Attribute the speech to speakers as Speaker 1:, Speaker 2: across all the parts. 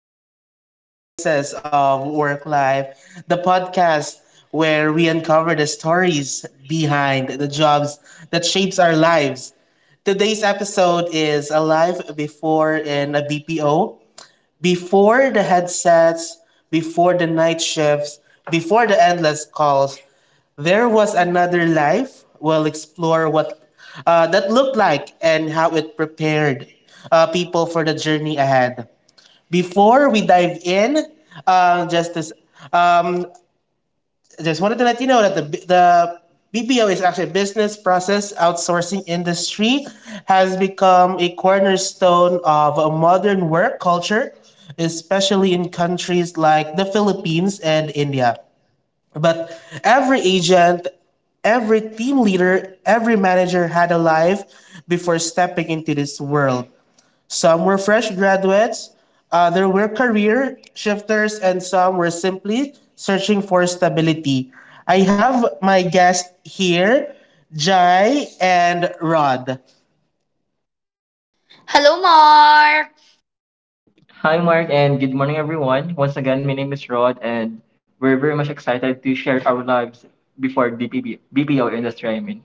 Speaker 1: and welcome to Voices of Work Life, the podcast where we uncover the stories behind the jobs that shapes our lives. Today's episode is a life before in a BPO, before the headsets, before the night shifts, before the endless calls, there was another life. We'll explore what that looked like and how it prepared people for the journey ahead. Before we dive in, uh, just this, um, just wanted to let you know that the BPO is actually a business process outsourcing industry has become a cornerstone of a modern work culture, especially in countries like the Philippines and India. But every agent, every team leader, every manager had a life before stepping into this world. Some were fresh graduates, other were career shifters, and some were simply searching for stability. I have my guests here, Jai and Rod.
Speaker 2: Hello, Mark.
Speaker 3: Hi, Mark, and good morning, everyone. Once again, my name is Rod, and we're very much excited to share our lives before the BPO industry, I mean.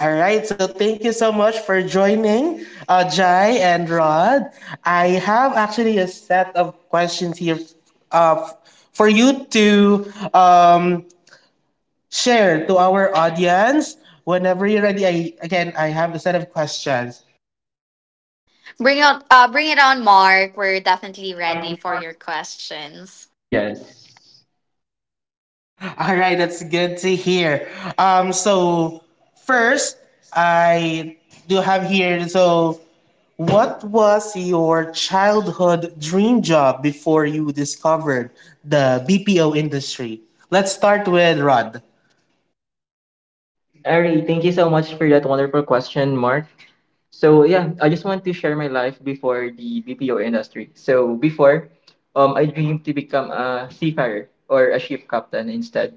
Speaker 1: All right, so thank you so much for joining, Jai and Rod. I have actually a set of questions here uh, f- for you to um, share to our audience. Whenever you're ready, I, again, I have a set of questions.
Speaker 2: Bring it, bring it on, Mark. We're definitely ready for your questions.
Speaker 3: Yes.
Speaker 1: All right, that's good to hear. Um, so, first, I do have here, so what was your childhood dream job before you discovered the BPO industry? Let's start with Rod.
Speaker 3: Ari, thank you so much for that wonderful question, Mark. So yeah, I just want to share my life before the BPO industry. So before, I dreamed to become a seafarer or a ship captain instead,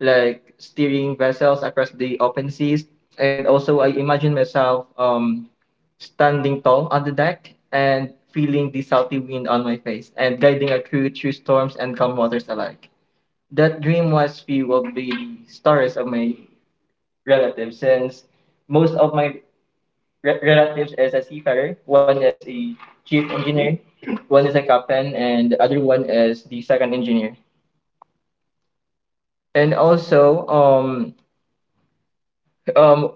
Speaker 3: like steering vessels across the open seas. And also, I imagine myself standing tall on the deck and feeling the salty wind on my face and guiding a crew through storms and calm waters alike. That dream was fueled by the stories of my relatives, since most of my relatives is a seafarer, one is a chief engineer, one is a captain, and the other one is the second engineer. And also, um,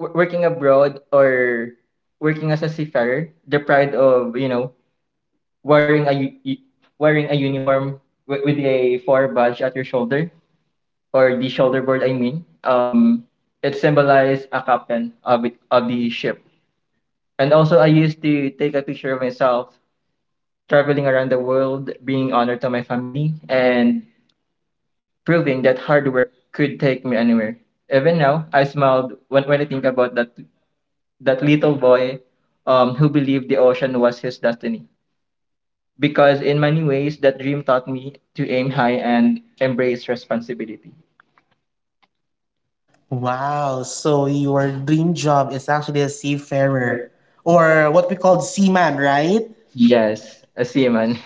Speaker 3: working abroad or working as a seafarer, the pride of wearing a uniform with a four badge at your shoulder or the shoulder board. I mean, it symbolizes a captain of the ship. And also, I used to take a picture of myself traveling around the world, being honored to my family, and proving that hard work could take me anywhere. Even now, I smiled when I think about that little boy who believed the ocean was his destiny. Because in many ways, that dream taught me to aim high and embrace responsibility.
Speaker 1: Wow, so your dream job is actually a seafarer or what we call seaman, right?
Speaker 3: Yes, a seaman.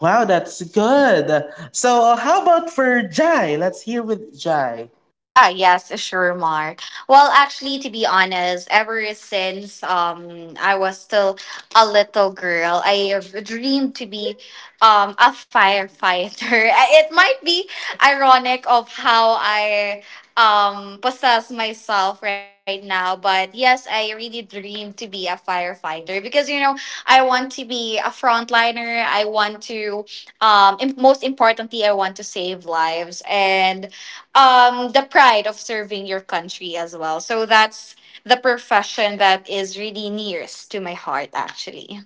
Speaker 1: Wow, that's good. So, how about for Jai? Let's hear with Jai.
Speaker 2: Ah, yes, sure, Mark. Well, actually, to be honest, ever since I was still a little girl, I have dreamed to be a firefighter. It might be ironic of how I possess myself right now, but yes, I really dream to be a firefighter because you know I want to be a frontliner. I want to im- most importantly, I want to save lives and the pride of serving your country as well, so that's the profession that is really nearest to my heart actually.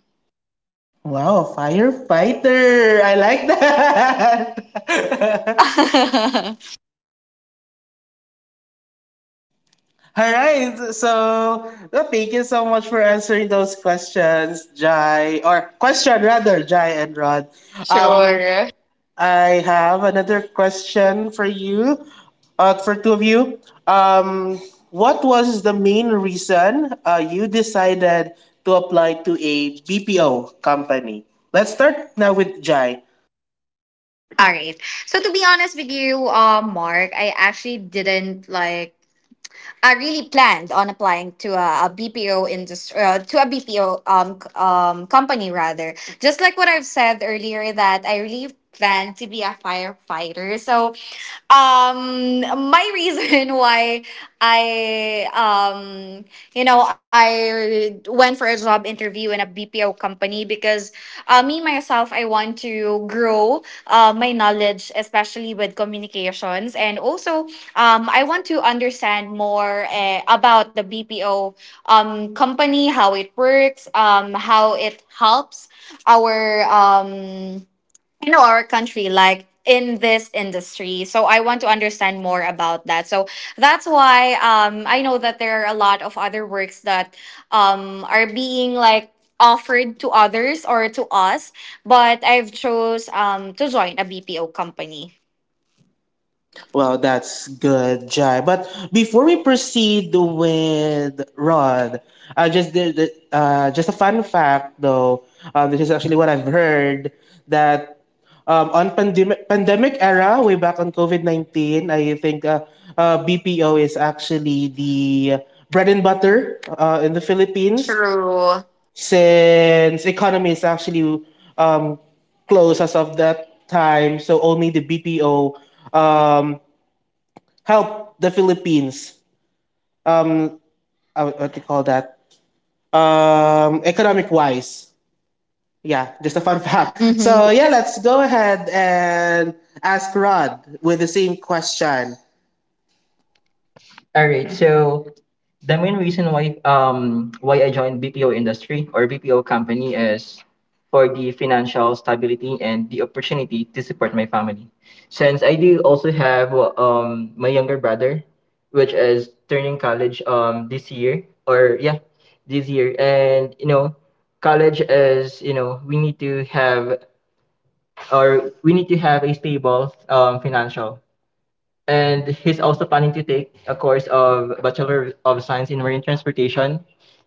Speaker 1: Wow, firefighter. I like that. All right. So well, thank you so much for answering those questions, Jai, or question rather, Jai and Rod. Um,
Speaker 2: Sure.
Speaker 1: I have another question for you, for two of you. Um, what was the main reason you decided to apply to a BPO company? Let's start now with Jai.
Speaker 2: All right, so to be honest with you, Mark, I actually didn't, like, I really planned on applying to a, BPO industry, to a BPO company rather. Just like what I've said earlier, that I really planned to be a firefighter. So, um, my reason why I um I went for a job interview in a BPO company because me, myself, I want to grow my knowledge, especially with communications. And also, I want to understand more about the BPO company, how it works, how it helps our. In our country, like in this industry, so I want to understand more about that, so that's why I know that there are a lot of other works that are being, like, offered to others or to us, but I've chose to join a BPO company.
Speaker 1: Well, that's good, Jai. But before we proceed with Rod, just a fun fact though. This is actually what I've heard that on pandemic era, way back on COVID 19, I think BPO is actually the bread and butter in the Philippines since economy is actually um, closed as of that time. So only the BPO um, help the Philippines. Um, what do you call that? Economic wise. Yeah, just a fun fact. So
Speaker 2: Mhm.
Speaker 1: yeah, let's go ahead and ask Rod with the same question.
Speaker 3: All right. So the main reason why I joined BPO industry or BPO company is for the financial stability and the opportunity to support my family. Since I do also have my younger brother, which is turning college this year or yeah this year, and college is, we need to have a stable financial, and he's also planning to take a course of Bachelor of Science in Marine Transportation,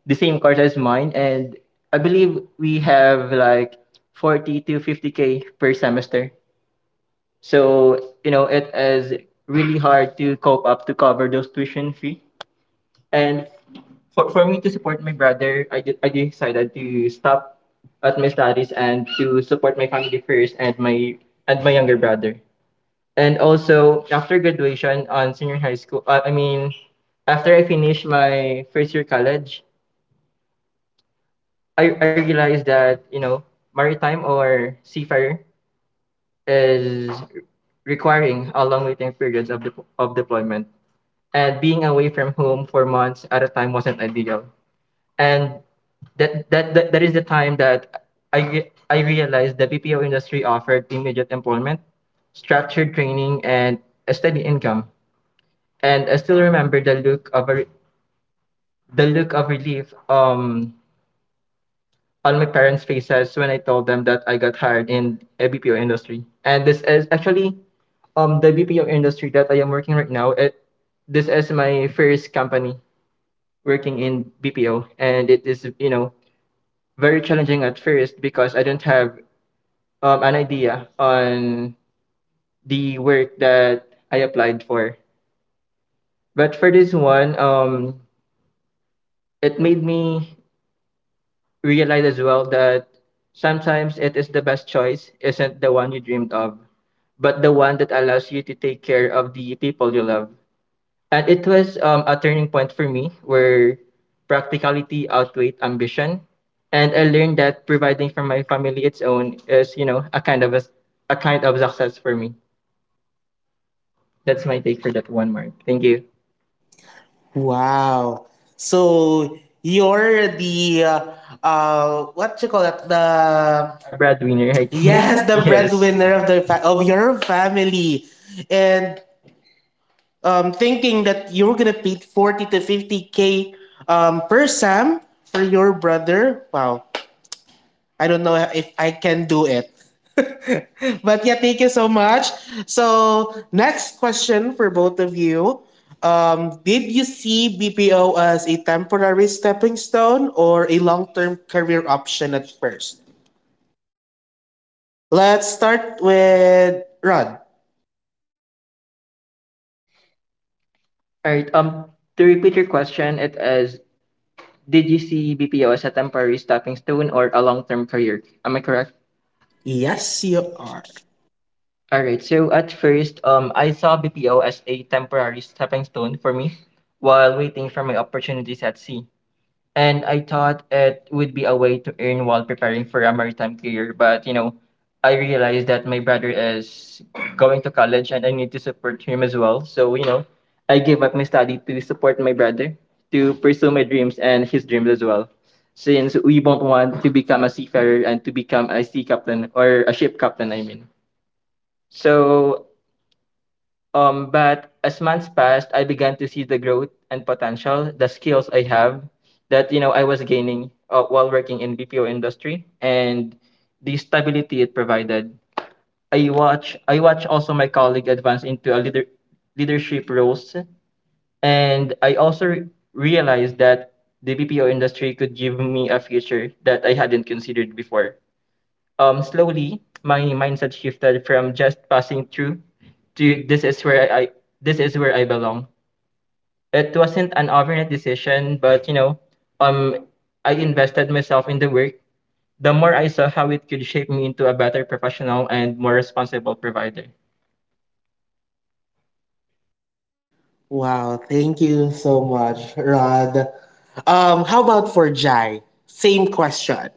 Speaker 3: the same course as mine. And I believe we have like 40 to 50K per semester. So, it is really hard to cope up to cover those tuition fee. And for me to support my brother, I decided to stop at my studies and to support my family first and my younger brother. And also after graduation on senior high school, I mean, after I finished my first year college, I realized that maritime or seafarer is requiring a long waiting periods of deployment, and being away from home for months at a time wasn't ideal. And that is the time that I I realized the BPO industry offered immediate employment, structured training, and a steady income. And I still remember the look of relief on my parents' faces when I told them that I got hired in a BPO industry. And this is actually the BPO industry that I am working right now. It This is my first company working in BPO, and it is very challenging at first because I don't have an idea on the work that I applied for. But for this one, it made me realize as well that sometimes it is the best choice isn't the one you dreamed of, but the one that allows you to take care of the people you love. And it was a turning point for me where practicality outweighed ambition. And I learned that providing for my family its own is a kind of success for me. That's my take for that one, Mark. Thank you.
Speaker 1: Wow. So you're the what you call that the
Speaker 3: A breadwinner, I think.
Speaker 1: yes, the
Speaker 3: Yes.
Speaker 1: breadwinner of the of your family, and thinking that you're gonna pay 40 to 50K per Sam for your brother. Wow, I don't know if I can do it. But yeah, thank you so much. So, next question for both of you. Did you see BPO as a temporary stepping stone or a long term career option at first? Let's start with Rod.
Speaker 3: All right. To repeat your question, it is: did you see BPO as a temporary stepping stone or a long-term career? Am I correct?
Speaker 1: Yes, you are.
Speaker 3: All right. So at first, I saw BPO as a temporary stepping stone for me while waiting for my opportunities at sea. And I thought it would be a way to earn while preparing for a maritime career. But I realized that my brother is going to college and I need to support him as well. So I gave up my study to support my brother to pursue my dreams and his dreams as well. Since we both want to become a seafarer and to become a sea captain or a ship captain, I mean. So but as months passed, I began to see the growth and potential, the skills I have that I was gaining while working in BPO industry, and the stability it provided. I watch also my colleague advance into a leadership roles, and I also realized that the BPO industry could give me a future that I hadn't considered before. Slowly my mindset shifted from just passing through to this is where I belong. It wasn't an overnight decision, but um, I invested myself in the work. The more I saw how it could shape me into a better professional and more responsible provider.
Speaker 1: Wow, thank you so much, Rod. How about for Jai? Same question.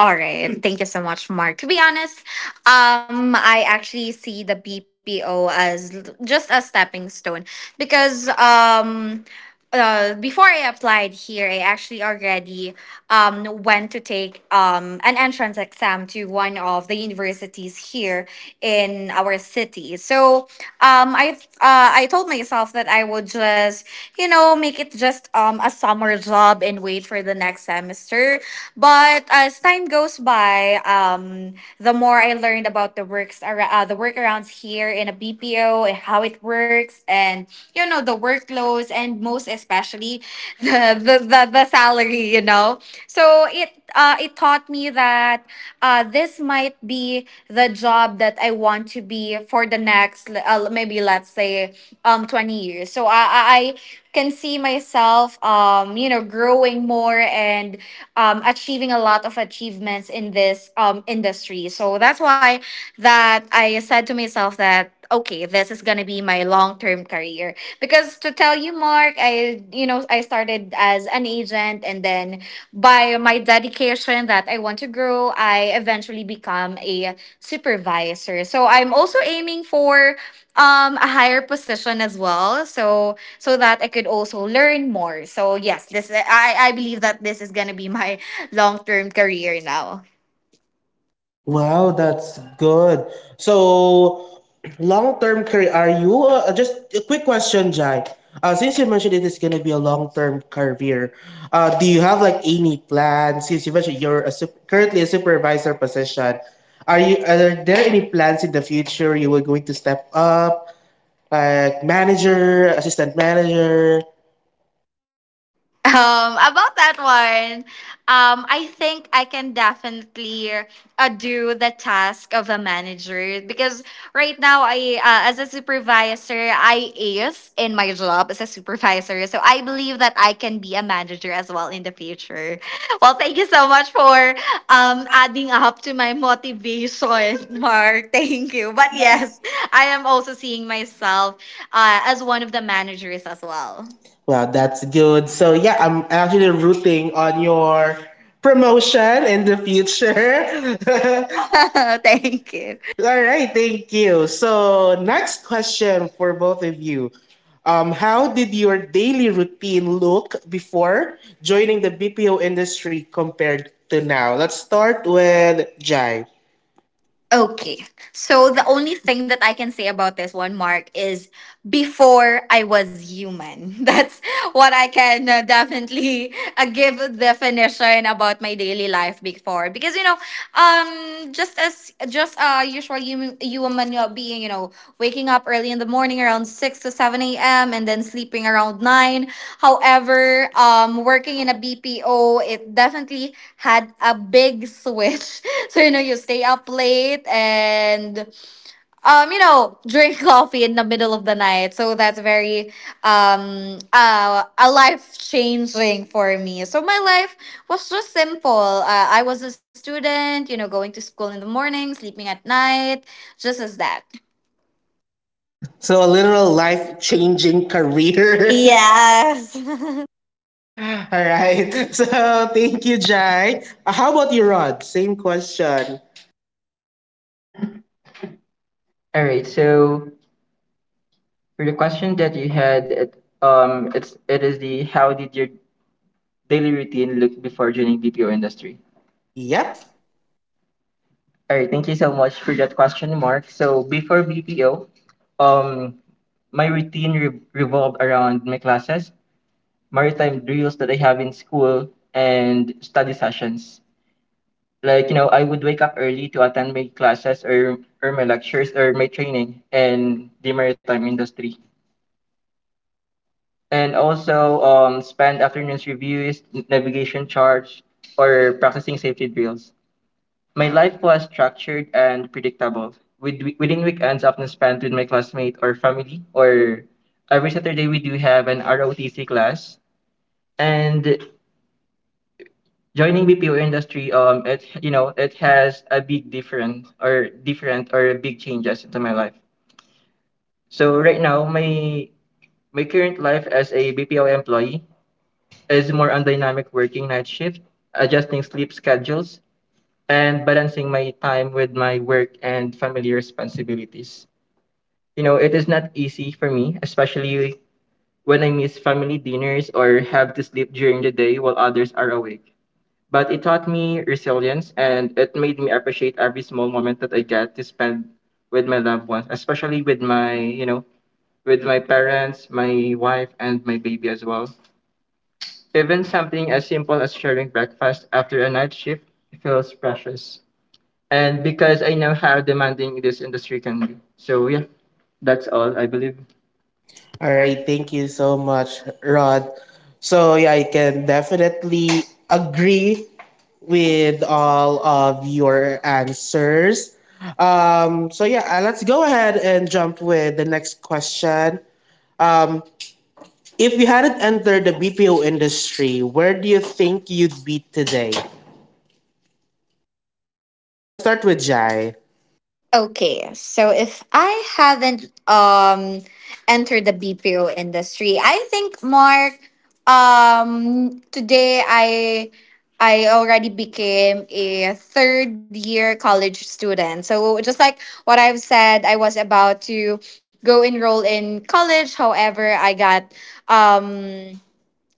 Speaker 2: All right. Thank you so much, Mark. To be honest, I actually see the BPO as just a stepping stone because before I applied here, I actually already went to take an entrance exam to one of the universities here in our city. So um, I I told myself that I would just make it just a summer job and wait for the next semester, but as time goes by, the more I learned about the workarounds here in a BPO and how it works, and the workloads, and most especially the salary. You know, so it taught me that this might be the job that I want to be for the next, maybe let's say, 20 years. So I can see myself growing more and achieving a lot of achievements in this industry. So that's why that I said to myself that okay, this is gonna be my long term career. Because, to tell you, Mark, I you know I started as an agent, and then by my dedication that I want to grow, I eventually become a supervisor. So I'm also aiming for a higher position as well. So that I could also learn more. So yes, this, I believe that this is gonna be my long term career now.
Speaker 1: Wow, that's good. So, long term career, are you just a quick question, Jai? Since you mentioned it is going to be a long term career, do you have like any plans? Since you mentioned you're a currently a supervisor position, are there any plans in the future you were going to step up, like manager, assistant manager?
Speaker 2: About that one, I think I can definitely do the task of a manager because right now I, as a supervisor, I is in my job as a supervisor, so I believe that I can be a manager as well in the future. Well, thank you so much for adding up to my motivation, Mark. Thank you. But
Speaker 1: But yes,
Speaker 2: yes, I am also seeing myself as one of the managers as well.
Speaker 1: well, that's good. So yeah, I'm actually rooting on your promotion in the future.
Speaker 2: Thank you.
Speaker 1: All right, thank you. So next question for both of you. How did your daily routine look before joining the BPO industry compared to now? Let's start with Jai.
Speaker 2: Okay. So the only thing that I can say about this one, Mark, is before I was human. That's what I can definitely give a definition about my daily life before. Because, you know, just as just, usual, you and Manuel being, waking up early in the morning around 6 to 7 a.m. and then sleeping around 9, however, working in a BPO, it definitely had a big switch. So, you stay up late and, drink coffee in the middle of the night. So that's very, a life changing for me. So my life was just simple. I was a student, going to school in the morning, sleeping at night, just as that.
Speaker 1: So a literal life changing career. Yeah.
Speaker 2: Yes.
Speaker 1: All right. So thank you, Jai. How about you, Rod? Same question.
Speaker 3: All right. So for the question that you had, it is the: how did your daily routine look before joining BPO industry?
Speaker 1: Yep.
Speaker 3: All right, thank you so much for that question, Mark. So before BPO, um, my routine revolved around my classes, maritime drills that I have in school, and study sessions. Like, I would wake up early to attend my classes or my lectures or my training in the maritime industry, and also spend afternoons reviews, navigation charts, or practicing safety drills. My life was structured and predictable, within weekends often spent with my classmate or family, or every Saturday we do have an ROTC class. And joining BPO industry, it you know it has a big different or big changes into my life. So right now, my current life as a BPO employee is more on dynamic working night shift, adjusting sleep schedules, and balancing my time with my work and family responsibilities. It is not easy for me, especially when I miss family dinners or have to sleep during the day while others are awake. But it taught me resilience and it made me appreciate every small moment that I get to spend with my loved ones, especially with my parents, my wife, and my baby as well. Even something as simple as sharing breakfast after a night shift feels precious. And because I know how demanding this industry can be. So, yeah, that's all, I believe.
Speaker 1: All right. Thank you so much, Rod. So yeah, I can definitely agree with all of your answers. So yeah, let's go ahead and jump with the next question. Um, if you hadn't entered the BPO industry, where do you think you'd be today? Let's start with Jai.
Speaker 2: Okay, so if I haven't entered the BPO industry, I think, Mark, today I already became a third year college student. So just like what I've said, I was about to go enroll in college. However, I got um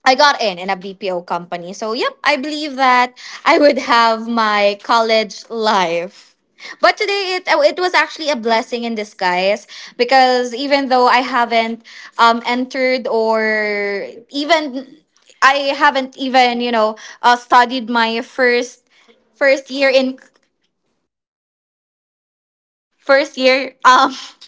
Speaker 2: in a BPO company. So, yep, I believe that I would have my college life. But today, it was actually a blessing in disguise because even though I haven't entered or even I haven't even, studied my first first year in first year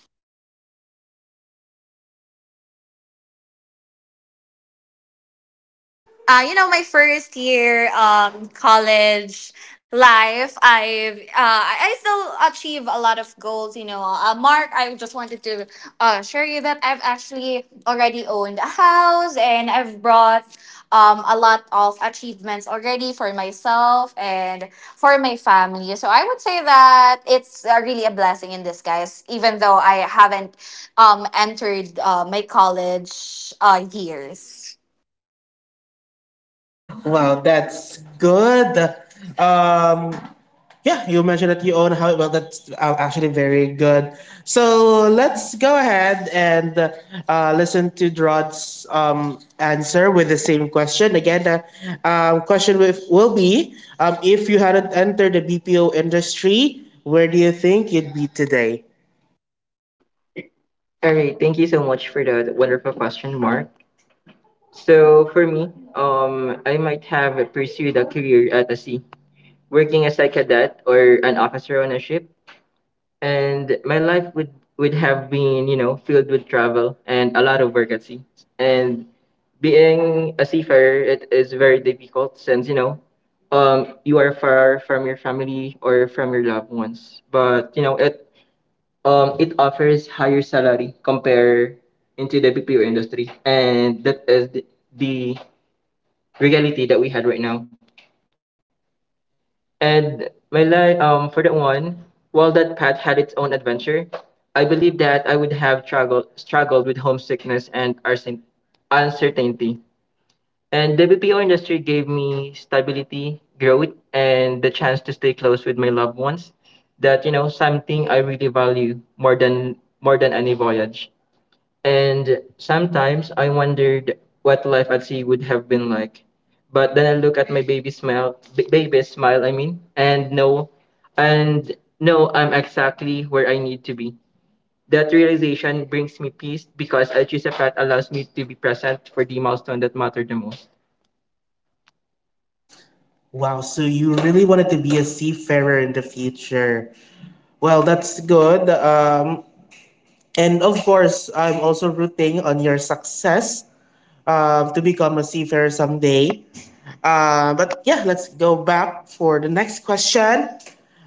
Speaker 2: my first year college life, I've I still achieve a lot of goals. You know, Mark, I just wanted to share you that I've actually already owned a house and I've brought a lot of achievements already for myself and for my family. So I would say that it's really a blessing in disguise, even though I haven't entered my college years.
Speaker 1: Wow, that's good. Um, yeah, you mentioned that you own a house. Well, that's actually very good. So let's go ahead and listen to Drod's answer with the same question. Again, the question will be if you hadn't entered the BPO industry, where do you think you'd be today?
Speaker 3: All right, thank you so much for that wonderful question, Mark. So for me, I might have pursued a career at the sea, working as a cadet or an officer on a ship, and my life would have been, filled with travel and a lot of work at sea. And being a seafarer, it is very difficult since you are far from your family or from your loved ones. But it offers higher salary compared into the BPO industry, and that is the reality that we had right now. And my life, for that one, while that path had its own adventure, I believe that I would have struggled with homesickness and uncertainty. And the BPO industry gave me stability, growth, and the chance to stay close with my loved ones. That, something I really value more than any voyage. And sometimes I wondered what life at sea would have been like. But then I look at my baby smile, baby smile, I mean, and no, I'm exactly where I need to be. That realization brings me peace because I choose a path allows me to be present for the milestone that matter the most.
Speaker 1: Wow, so you really wanted to be a seafarer in the future. Well, that's good. And of course, I'm also rooting on your success to become a seafarer someday. But yeah, let's go back for the next question.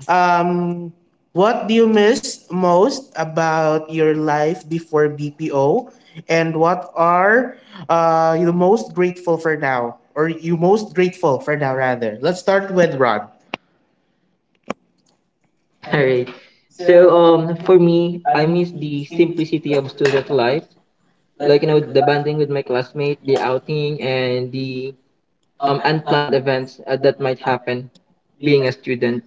Speaker 1: Um, what do you miss most about your life before BPO? And what are you most grateful for now? Or you most grateful for now, rather? Let's start with Rod.
Speaker 3: All right. For me, I miss the simplicity of student life, like you know, the bonding with my classmate, the outing, and the unplanned events that might happen being a student,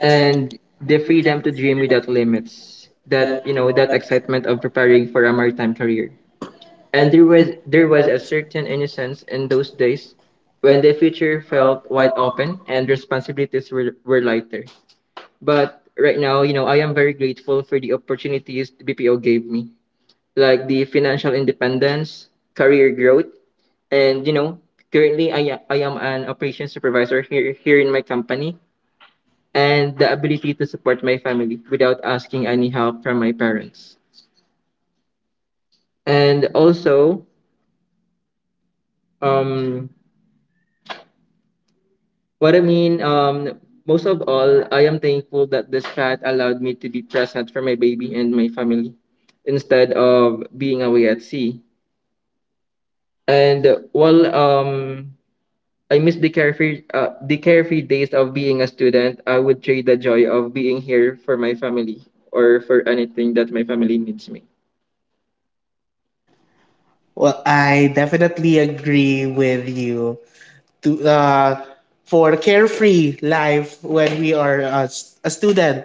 Speaker 3: and the freedom to dream without limits. That you know, that excitement of preparing for a maritime career. And there was a certain innocence in those days when the future felt wide open and responsibilities were lighter. But right now, you know, I am very grateful for the opportunities the BPO gave me, like the financial independence, career growth, and you know, currently I am an operations supervisor here in my company, and the ability to support my family without asking any help from my parents. And also, um what I mean most of all, I am thankful that this path allowed me to be present for my baby and my family instead of being away at sea. And while I miss the carefree days of being a student, I would trade the joy of being here for my family or for anything that my family needs me.
Speaker 1: Well, I definitely agree with you to for carefree life when we are a student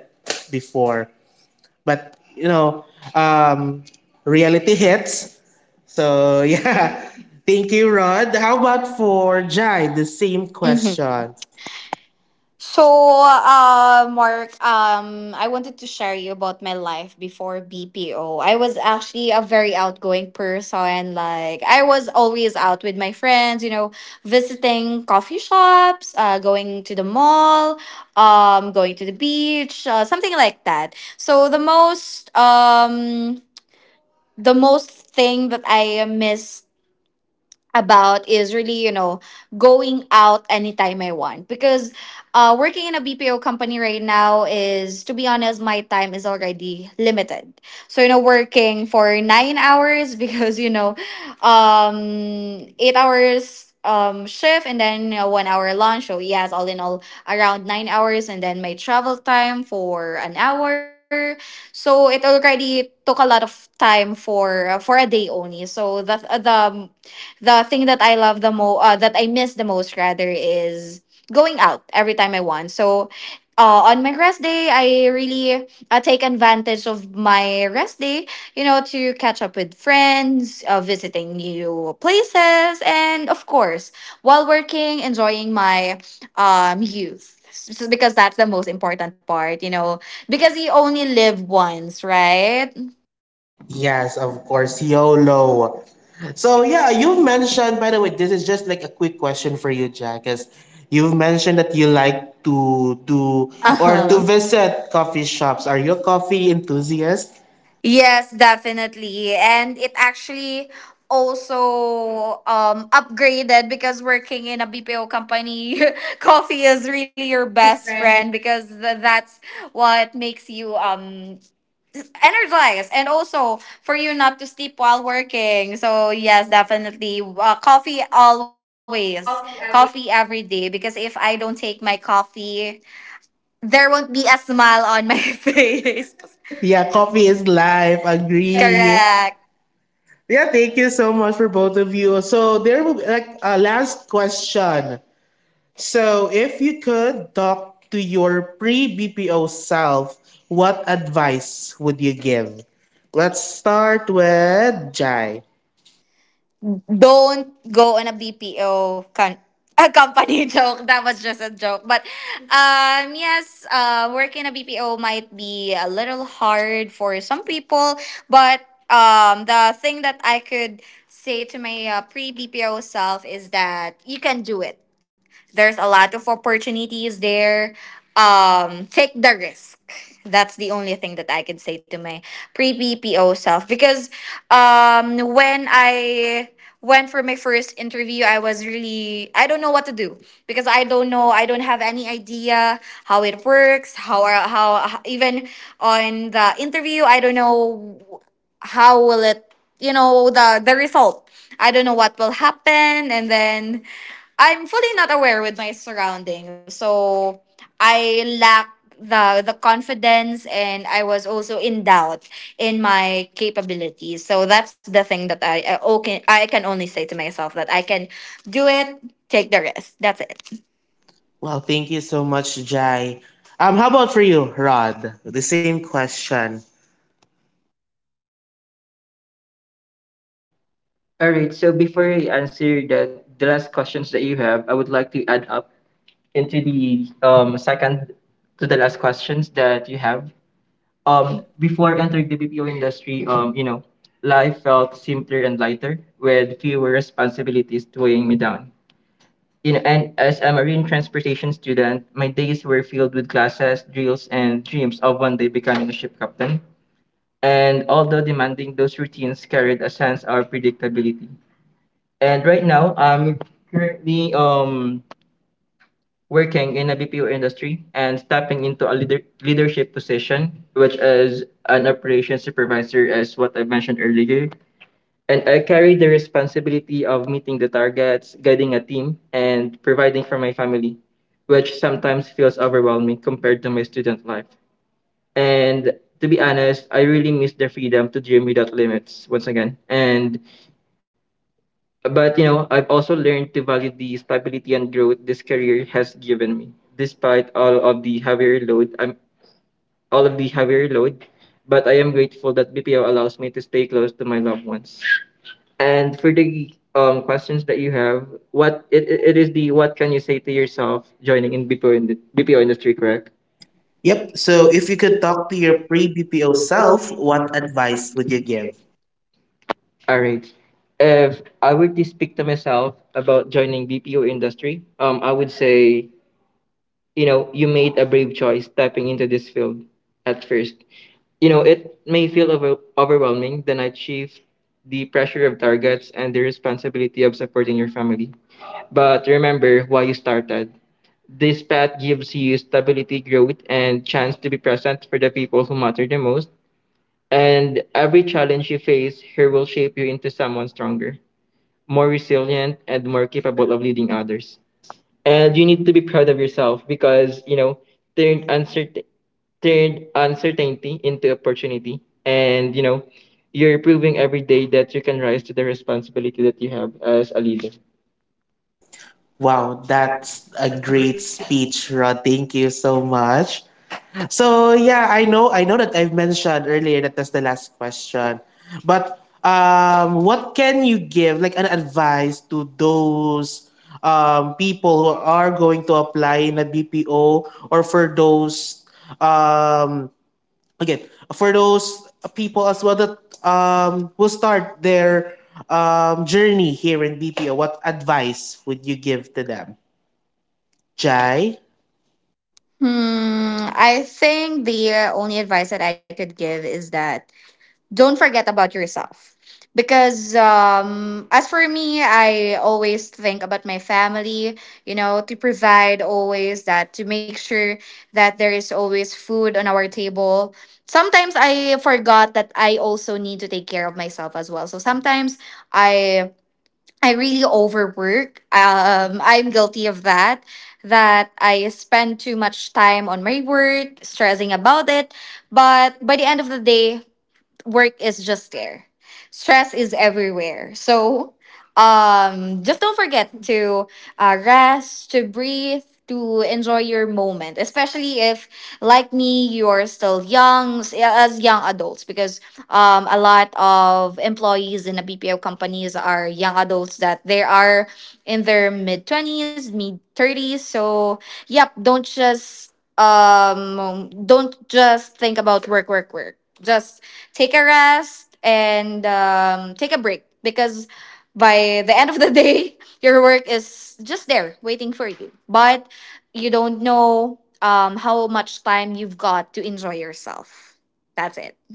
Speaker 1: before. But you know, um, reality hits. So yeah, thank you, Rod. How about for Jai? The same
Speaker 2: Mm-hmm.
Speaker 1: question.
Speaker 2: So, Mark, I wanted to share you about my life before BPO. I was actually a very outgoing person. Like, I was always out with my friends, visiting coffee shops, going to the mall, going to the beach, something like that. So, the most thing that I miss about is really going out anytime I want because working in a BPO company right now is, to be honest, my time is already limited. So working for 9 hours because um 8 hours shift, and then, 1 hour lunch, so yes, all in all, around 9 hours, and then my travel time for an hour, so it already took a lot of time for, a day only. So that the thing that I love the most, that I miss the most rather, is going out every time I want. So, on my rest day, I really take advantage of my rest day, to catch up with friends, visiting new places, and of course, while working, enjoying my youth. Because that's the most important part, you know, because you only live once, right?
Speaker 1: Yes, of course, YOLO. So yeah, you mentioned. By the way, this is just like a quick question for you, Jai, because you've mentioned that you like to do
Speaker 2: Uh
Speaker 1: or
Speaker 2: huh.
Speaker 1: to visit coffee shops. Are you a coffee enthusiast?
Speaker 2: Yes, definitely. And it actually also upgraded because, working in a BPO company, coffee is really your
Speaker 1: Your best
Speaker 2: best
Speaker 1: friend.
Speaker 2: friend because that's what makes you energized and also for you not to sleep while working. So yes, definitely, coffee always.
Speaker 1: Coffee
Speaker 2: Coffee
Speaker 1: every.
Speaker 2: every day, because if I don't take my coffee, there won't be a smile on my face.
Speaker 1: Yeah, coffee is life. Agree. Yeah.
Speaker 2: Correct.
Speaker 1: Yeah, thank you so much for both of you. So there will be like a last question. So if you could talk to your pre-BPO self, what advice would you give? Let's start with Jai.
Speaker 2: Don't go on a BPO, con- a company, joke. That was just a joke. But, yes, work in a BPO might be a little hard for some people. But, the thing that I could say to my, pre BPO self is that you can do it. There's a lot of opportunities there. Take the risk. That's the only thing that I could say to my pre BPO self because, when I went for my first interview, I was really, I don't know what to do, because I don't know, I don't have any idea how it works, how even on the interview, I don't know how will it, the result, I don't know what will happen, and then I'm fully not aware with my surroundings. So I lack the confidence and I was also in doubt in my capabilities. So that's the thing that I can only say to myself that I can do it, take the risk. That's it.
Speaker 1: Well, thank you so much, Jai. How about for you, Rod? The same question.
Speaker 3: All right. So before I answer the last questions that you have, I would like to add up into the second to the last questions that you have. Before entering the BPO industry, you know, life felt simpler and lighter with fewer responsibilities weighing me down. You know, and as a marine transportation student, my days were filled with classes, drills, and dreams of one day becoming a ship captain. And although demanding, those routines carried a sense of predictability. And right now, I'm currently working in a BPO industry and stepping into a leadership position, which is an operations supervisor, as what I mentioned earlier, and I carry the responsibility of meeting the targets, guiding a team, and providing for my family, which sometimes feels overwhelming compared to my student life. And to be honest, I really miss the freedom to dream without limits once again. And but you know, I've also learned to value the stability and growth this career has given me, despite all of the heavier load. All of the heavier load, but I am grateful that BPO allows me to stay close to my loved ones. And for the questions that you have, what it is the, what can you say to yourself joining in BPO in the BPO industry, correct?
Speaker 1: Yep. So if you could talk to your pre BPO self, what advice would you give?
Speaker 3: All right. If I were to speak to myself about joining BPO industry, I would say, you know, you made a brave choice stepping into this field at first. You know, it may feel overwhelming, the night shift, the pressure of targets, and the responsibility of supporting your family. But remember why you started. This path gives you stability, growth, and chance to be present for the people who matter the most. And every challenge you face here will shape you into someone stronger, more resilient, and more capable of leading others. And you need to be proud of yourself because you know, turned uncertain turned uncertainty into opportunity. And you know, you're proving every day that you can rise to the responsibility that you have as a leader.
Speaker 1: Wow, that's a great speech, Rod. Thank you so much. So yeah, I know that I've mentioned earlier that that's the last question. But um, what can you give like an advice to those um, people who are going to apply in a BPO or for those um again for those people as well that will start their journey here in BPO, what advice would you give to them? Jai,
Speaker 2: Hmm, I think the, only advice that I could give is that, don't forget about yourself, because, as for me, I always think about my family, you know, to provide, always, that to make sure that there is always food on our table. Sometimes I forgot that I also need to take care of myself as well, so sometimes I I really overwork. I'm guilty of that, that I spend too much time on my work stressing about it, but by the end of the day, work is just there. Stress is everywhere. So, just don't forget to, rest, to breathe, to enjoy your moment, especially if, like me, you're still young, as young adults, because, a lot of employees in the BPO companies are young adults, that they are in their mid 20s, mid 30s. So, yep, don't just think about work, work, work. Just take a rest and, take a break because by the end of the day, your work is just there waiting for you. But you don't know how much time you've got to enjoy yourself. That's it.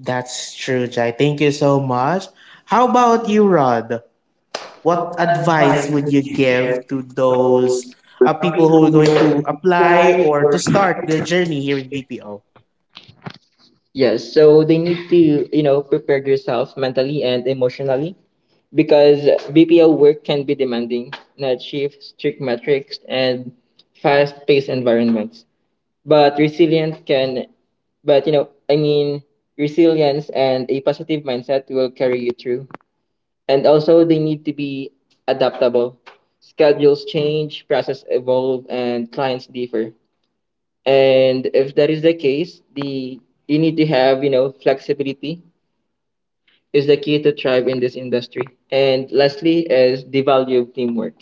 Speaker 1: that's true, Jai. Thank you so much. How about you, Rod? What advice would you give to those people who are going to apply or to start their journey here in BPO?
Speaker 3: Yes, so they need to, you know, prepare yourself mentally and emotionally because BPO work can be demanding, night shifts, strict metrics, and fast-paced environments. But resilient can, but you know, I mean, resilience and a positive mindset will carry you through. And also, they need to be adaptable. Schedules change, process evolve, and clients differ. And if that is the case, the you need to have, you know, flexibility is the key to thrive in this industry. And lastly is the value of teamwork.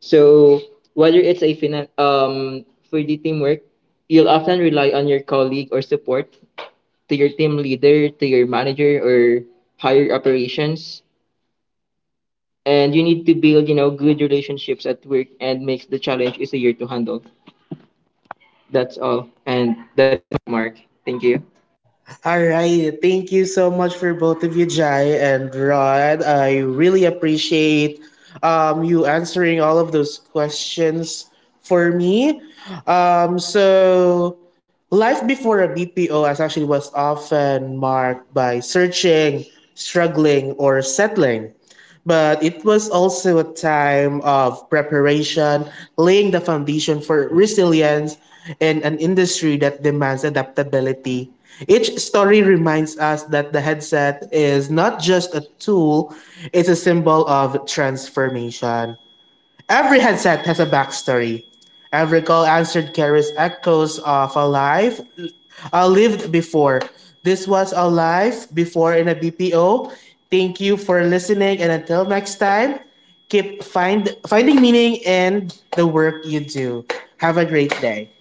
Speaker 3: So whether it's a for the teamwork, you'll often rely on your colleague or support to your team leader, to your manager, or higher operations. And you need to build, you know, good relationships at work and makes the challenge easier to handle. That's all. And Mark, thank you.
Speaker 1: All right. Thank you so much for both of you, Jai and Rod. I really appreciate you answering all of those questions for me. So, life before a BPO as actually was often marked by searching, struggling, or settling. But it was also a time of preparation, laying the foundation for resilience in an industry that demands adaptability. Each story reminds us that the headset is not just a tool, it's a symbol of transformation. Every headset has a backstory. Every call answered carries echoes of a life lived before. This was a life before in a BPO. Thank you for listening, and until next time, keep finding meaning in the work you do. Have a great day.